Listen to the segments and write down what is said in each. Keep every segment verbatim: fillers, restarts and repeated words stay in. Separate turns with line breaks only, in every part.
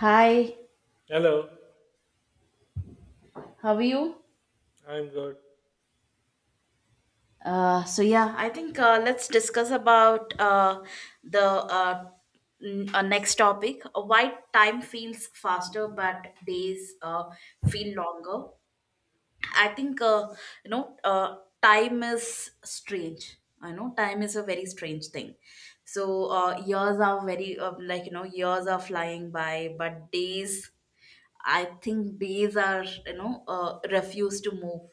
Hi,
Hello,
how are you?
I'm good.
Uh, so yeah, I think uh, let's discuss about uh, the uh, n- uh, next topic. Uh, Why time feels faster, but days uh, feel longer. I think uh, you know uh, time is strange. I know time is a very strange thing. So uh, years are very uh, like you know years are flying by, but days. I think days are you know uh, refuse to move.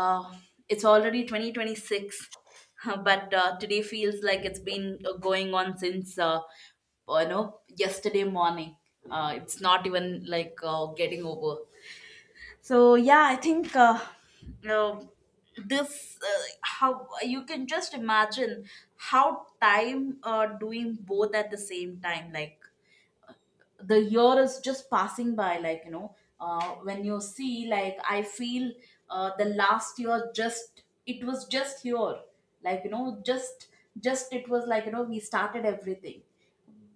Uh, it's already twenty twenty-six. But uh, today feels like it's been uh, going on since uh, you know yesterday morning. Uh, it's not even like uh, getting over. So yeah, I think, uh, you know, this uh, how you can just imagine how time uh, doing both at the same time, like the year is just passing by. Like you know uh, when you see, like, I feel, uh, the last year, just it was just here, like you know just just it was, like you know we started everything,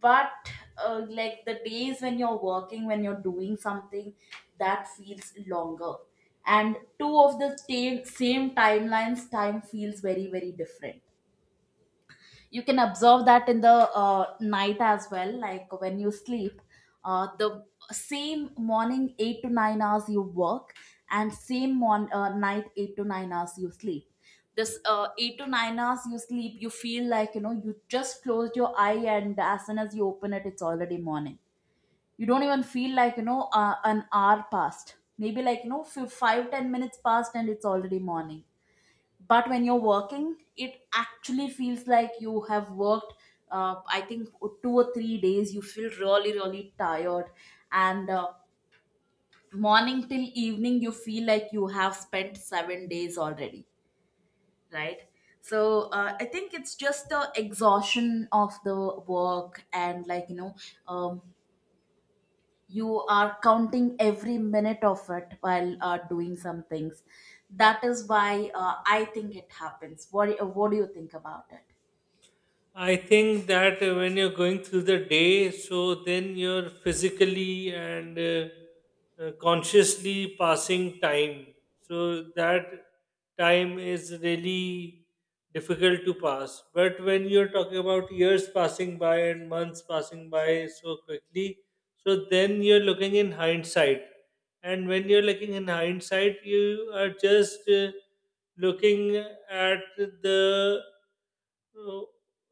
but uh, like, the days when you're working, when you're doing something, that feels longer. And two of the same same timelines, time feels very, very different. You can observe that in the uh, night as well, like when you sleep. Uh, the same morning, eight to nine hours you work, and same mon- uh, night, eight to nine hours you sleep. This uh, eight to nine hours you sleep, you feel like, you know you just closed your eye, and as soon as you open it, it's already morning. You don't even feel like, you know uh, an hour passed, maybe like you know f- five ten minutes passed, and it's already morning. But when you're working, it actually feels like you have worked. uh, I think two or three days you feel really, really tired. And uh, morning till evening, you feel like you have spent seven days already, right? So uh, I think it's just the exhaustion of the work, and, like you know um, you are counting every minute of it while uh, doing some things. That is why uh, I think it happens. What, what do you think about it?
I think that uh, when you're going through the day, so then you're physically and uh, uh, consciously passing time. So that time is really difficult to pass. But when you're talking about years passing by and months passing by so quickly, so then you're looking in hindsight. And when you're looking in hindsight, you are just uh, looking at the uh,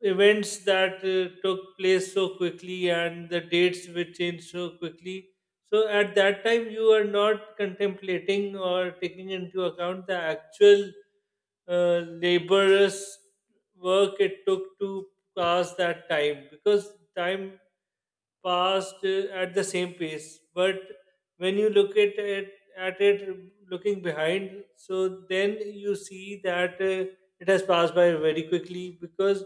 events that uh, took place so quickly and the dates were changed so quickly. So at that time, you are not contemplating or taking into account the actual uh, laborious work it took to pass that time because time passed uh, at the same pace. But when you look at it, at it looking behind, so then you see that uh, it has passed by very quickly because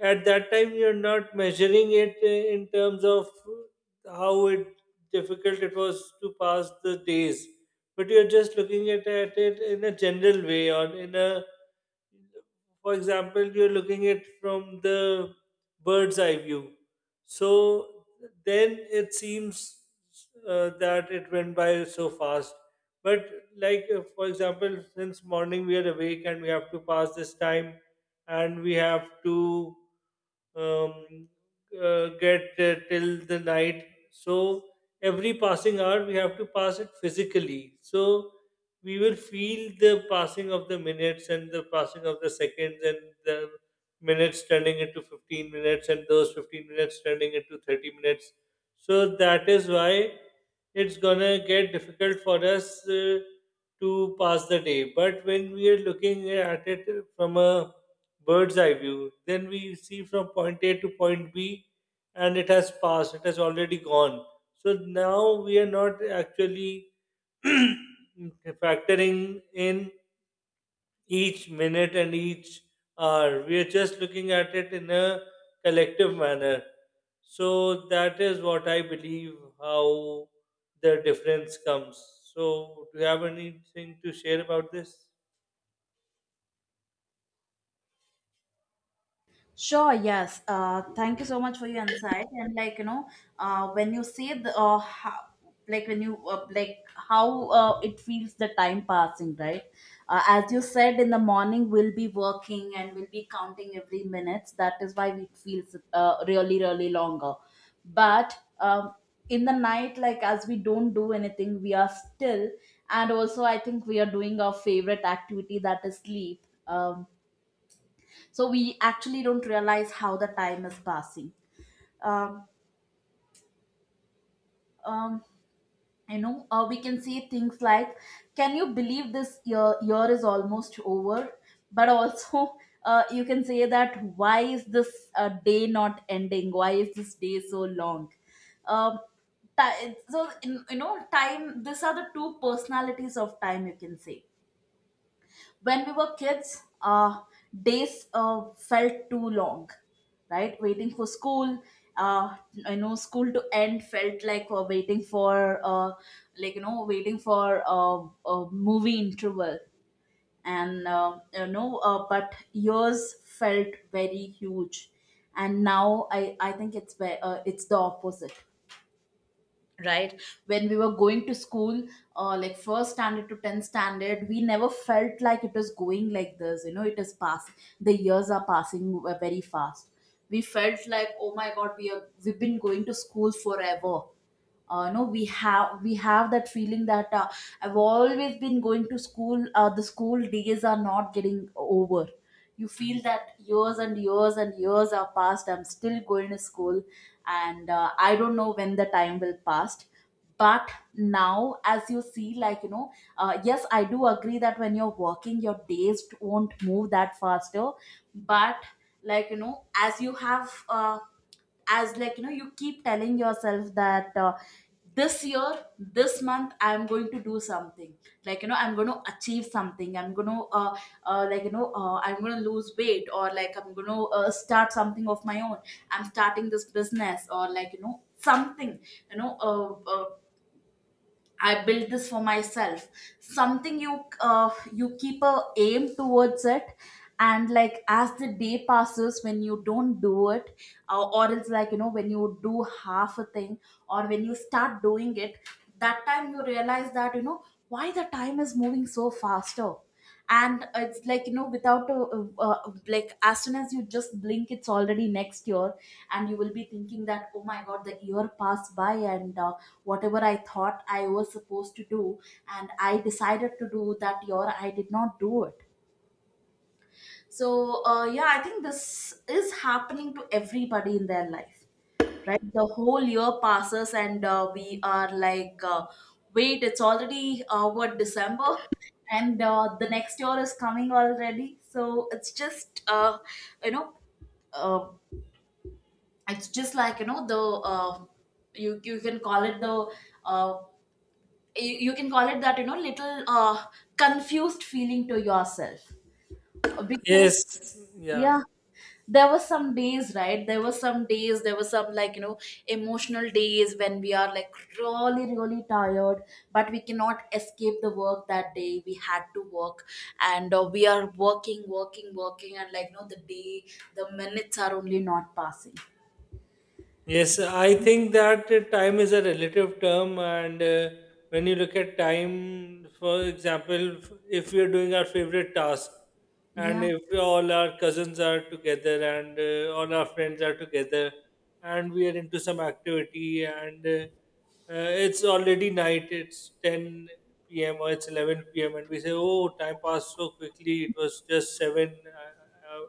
at that time you're not measuring it uh, in terms of how it difficult it was to pass the days, but you're just looking at, at it in a general way, or in a, for example, you're looking at from the bird's eye view, so then it seems uh, that it went by so fast. But like uh, for example, since morning we are awake and we have to pass this time, and we have to um, uh, get uh, till the night. So every passing hour, we have to pass it physically. So we will feel the passing of the minutes and the passing of the seconds and the minutes turning into fifteen minutes and those fifteen minutes turning into thirty minutes. So that is why it's gonna get difficult for us uh, to pass the day. But when we are looking at it from a bird's eye view, then we see from point A to point B, and it has passed, it has already gone. So now we are not actually factoring in each minute and each hour. We are just looking at it in a collective manner. So that is what I believe how the difference comes. So, do you have anything to share about this?
Sure, yes. Uh, thank you so much for your insight. And, like you know, uh, when you say the uh, how, like when you, uh, like how uh, it feels the time passing, right? Uh, as you said, in the morning we'll be working, and we'll be counting every minute. That is why it feels uh, really, really longer. But um, in the night, like, as we don't do anything, we are still. And also, I think we are doing our favorite activity, that is sleep. Um, so we actually don't realize how the time is passing. um, um, you know uh, we can say things like, can you believe this year year is almost over? But also, uh, you can say that, why is this uh, day not ending, why is this day so long? um, ti- so, in, you know, time, these are the two personalities of time, you can say. When we were kids, uh, days uh, felt too long, right? Waiting for school, uh, you know, school to end felt like we waiting for, uh, like you know, waiting for uh, a movie interval, and, uh, you know, uh, but years felt very huge, and now I I think it's ve- uh, it's the opposite. Right? When we were going to school, uh, like, first standard to tenth standard, we never felt like it was going like this. You know it is past. The years are passing w- very fast. We felt like, oh my god, we are we've been going to school forever. Uh, no, we have we have that feeling that, uh, I've always been going to school. Uh, the school days are not getting over. You feel that years and years and years are past, I'm still going to school. And uh, I don't know when the time will pass. But now, as you see, like you know uh, yes, I do agree that when you're working, your days won't move that faster. But, like you know as you have, uh, as like you know you keep telling yourself that, uh, this year, this month, I'm going to do something. like you know I'm going to achieve something, I'm going to uh, uh, like you know uh, I'm going to lose weight, or, like, I'm going to uh, start something of my own. I'm starting this business, or like you know something. you know uh, uh, I built this for myself. Something you uh, you keep a aim towards it, and, like, as the day passes, when you don't do it, uh, or it's like, you know when you do half a thing, or when you start doing it. That time you realize that, you know why the time is moving so faster. And it's like, you know without a, uh, uh, like as soon as you just blink, it's already next year. And you will be thinking that, oh my god, the year passed by, and uh, whatever I thought I was supposed to do, and I decided to do that year, I did not do it. So uh, yeah, I think this is happening to everybody in their life. Right? The whole year passes, and uh, we are like, uh, wait, it's already, uh, what, December? And uh, the next year is coming already. So it's just uh, you know uh, it's just like, you know the uh, you you can call it the uh, you, you can call it that, you know little uh, confused feeling to yourself, because
Yes, yeah.
yeah. There were some days, right? There were some days there were some, like you know emotional days when we are like really, really tired. But we cannot escape the work. That day we had to work, and uh, we are working, working, working. And, like you know the day, the minutes are only not passing.
Yes, I think that uh, time is a relative term, and uh, when you look at time, for example, f- if we are doing our favorite task, and
Yeah,
if all our cousins are together, and uh, all our friends are together, and we are into some activity, and uh, uh, it's already night, it's ten p m or it's eleven p m, and we say, oh, time passed so quickly, it was just seven. uh, uh,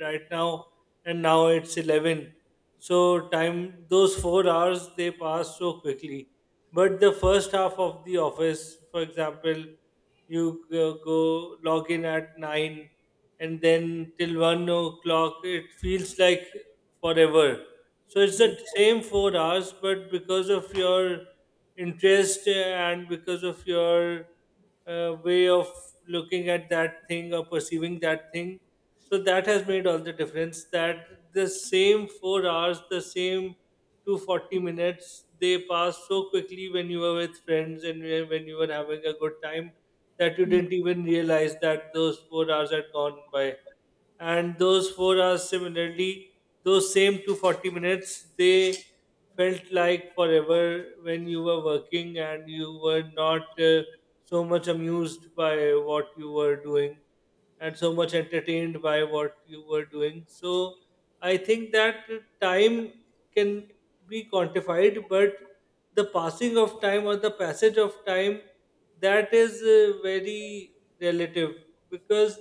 Right now, and now it's eleven. So time, those four hours, they pass so quickly, but the first half of the office, for example, you go, go log in at nine and then till one o'clock it feels like forever. So it's the
yeah,
same four hours, but because of your interest and because of your uh, way of looking at that thing or perceiving that thing, so that has made all the difference, that the same four hours, the same two hundred forty minutes, they pass so quickly when you were with friends and when when you were having a good time, that you didn't even realize that those four hours had gone by. And those four hours, similarly, those same two hundred forty minutes, they felt like forever when you were working and you were not uh, so much amused by what you were doing and so much entertained by what you were doing. So I think that time can be quantified, but the passing of time or the passage of time, that is uh, very relative, because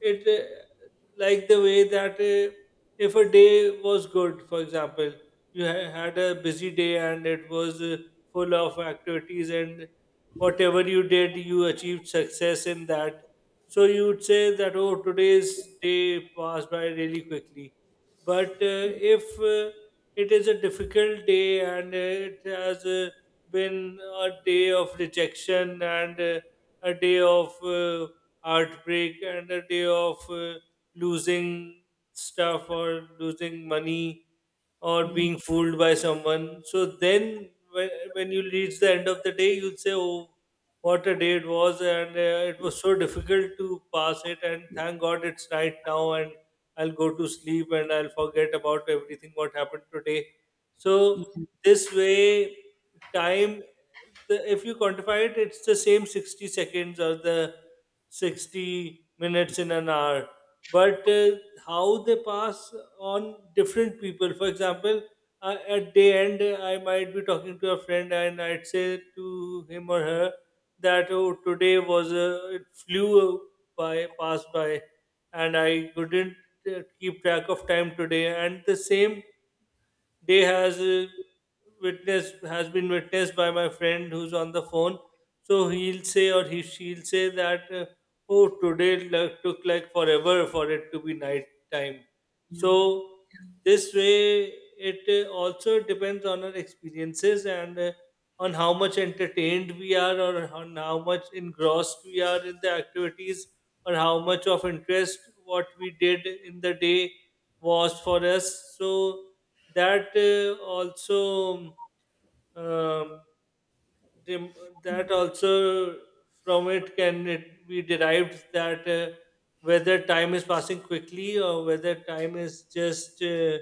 it uh, like the way that uh, if a day was good, for example, you ha- had a busy day and it was uh, full of activities and whatever you did, you achieved success in that, so you would say that, oh, today's day passed by really quickly. But uh, if uh, it is a difficult day and uh, it has uh, been a day of rejection and uh, a day of uh, heartbreak and a day of uh, losing stuff or losing money or
yeah,
being fooled by someone. So then, when, when you reach the end of the day, you'll say, oh, what a day it was, and uh, it was so difficult to pass it. And thank God it's night now, and I'll go to sleep and I'll forget about everything what happened today.
yeah,
So, this way, time, the, if you quantify it, it's the same sixty seconds, or the sixty minutes in an hour. But uh, how they pass on different people. For example, uh, at day end, I might be talking to a friend and I'd say to him or her that oh, today was a, it flew by, passed by, and I couldn't uh, keep track of time today. And the same day has uh, witnessed has been witnessed by my friend who's on the phone, so he'll say, or he she'll say that uh, oh today it like, took like forever for it to be night time.
yeah.
So this way, it uh, also depends on our experiences and uh, on how much entertained we are, or on how much engrossed we are in the activities, or how much of interest what we did in the day was for us, so that uh, also um, dem- that also, from it can it be derived that uh, whether time is passing quickly or whether time is just uh,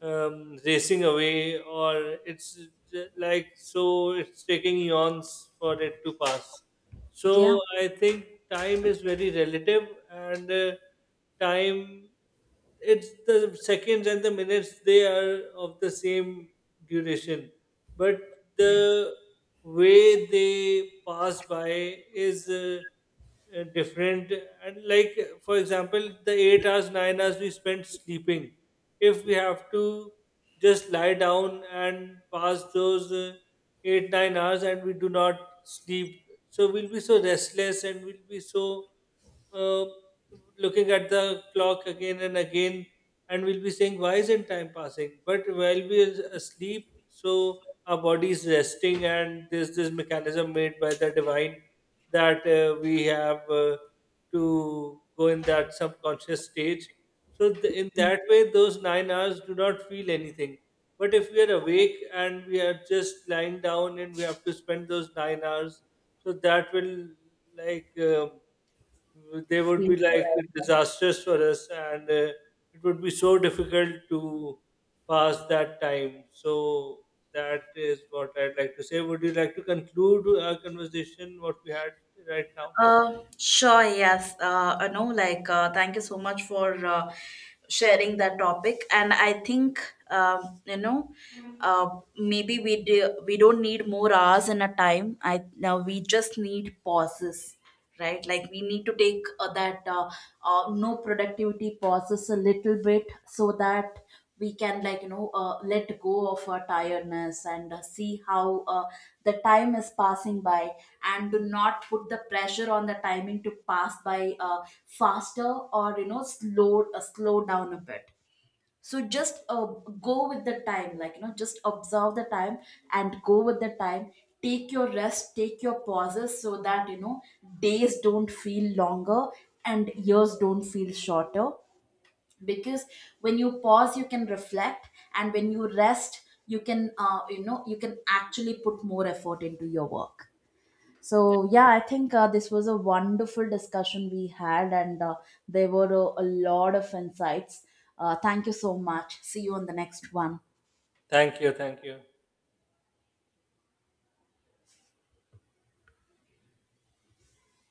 um, racing away, or it's j- like, so it's taking eons for it to pass.
Yeah.
So I think time is very relative, and uh, time, it's the seconds and the minutes, they are of the same duration, but
Yeah.
the way they pass by is uh, uh, different. And like, for example, the eight hours, nine hours we spent sleeping, if we have to just lie down and pass those uh, eight, nine hours and we do not sleep, so we'll be so restless and we'll be so uh, looking at the clock again and again, and we'll be saying why isn't time passing. But while we are asleep, so our body is resting, and there's this mechanism made by the divine that uh, we have uh, to go in that subconscious stage, so th- in that way those nine hours do not feel anything. But if we are awake and we are just lying down and we have to spend those nine hours, so that will like um they would
Feel
be like
forever.
disastrous for us, and uh, it would be so difficult to pass that time. So that is what I'd like to say. Would you like to conclude our conversation what we had right now?
Uh, sure, yes. Uh, I know, like, uh, thank you so much for uh, sharing that topic. And I think, um, you know, uh, maybe we do, we don't need more hours in a time. I now we just need pauses, right? Like, we need to take uh, that uh, uh, no productivity pauses a little bit, so that we can, like you know uh, let go of our tiredness, and uh, see how uh, the time is passing by, and do not put the pressure on the timing to pass by uh, faster, or, you know slow uh, slow down a bit. So just uh, go with the time, like you know just observe the time, and go with the time. Take your rest, take your pauses, so that, you know days don't feel longer and years don't feel shorter, because when you pause, you can reflect, and when you rest, you can uh, you know you can actually put more effort into your work.
Yeah.
So yeah, I think uh, this was a wonderful discussion we had, and uh, there were a, a lot of insights. Uh, thank you so much. See you on the next one.
Thank you, thank you.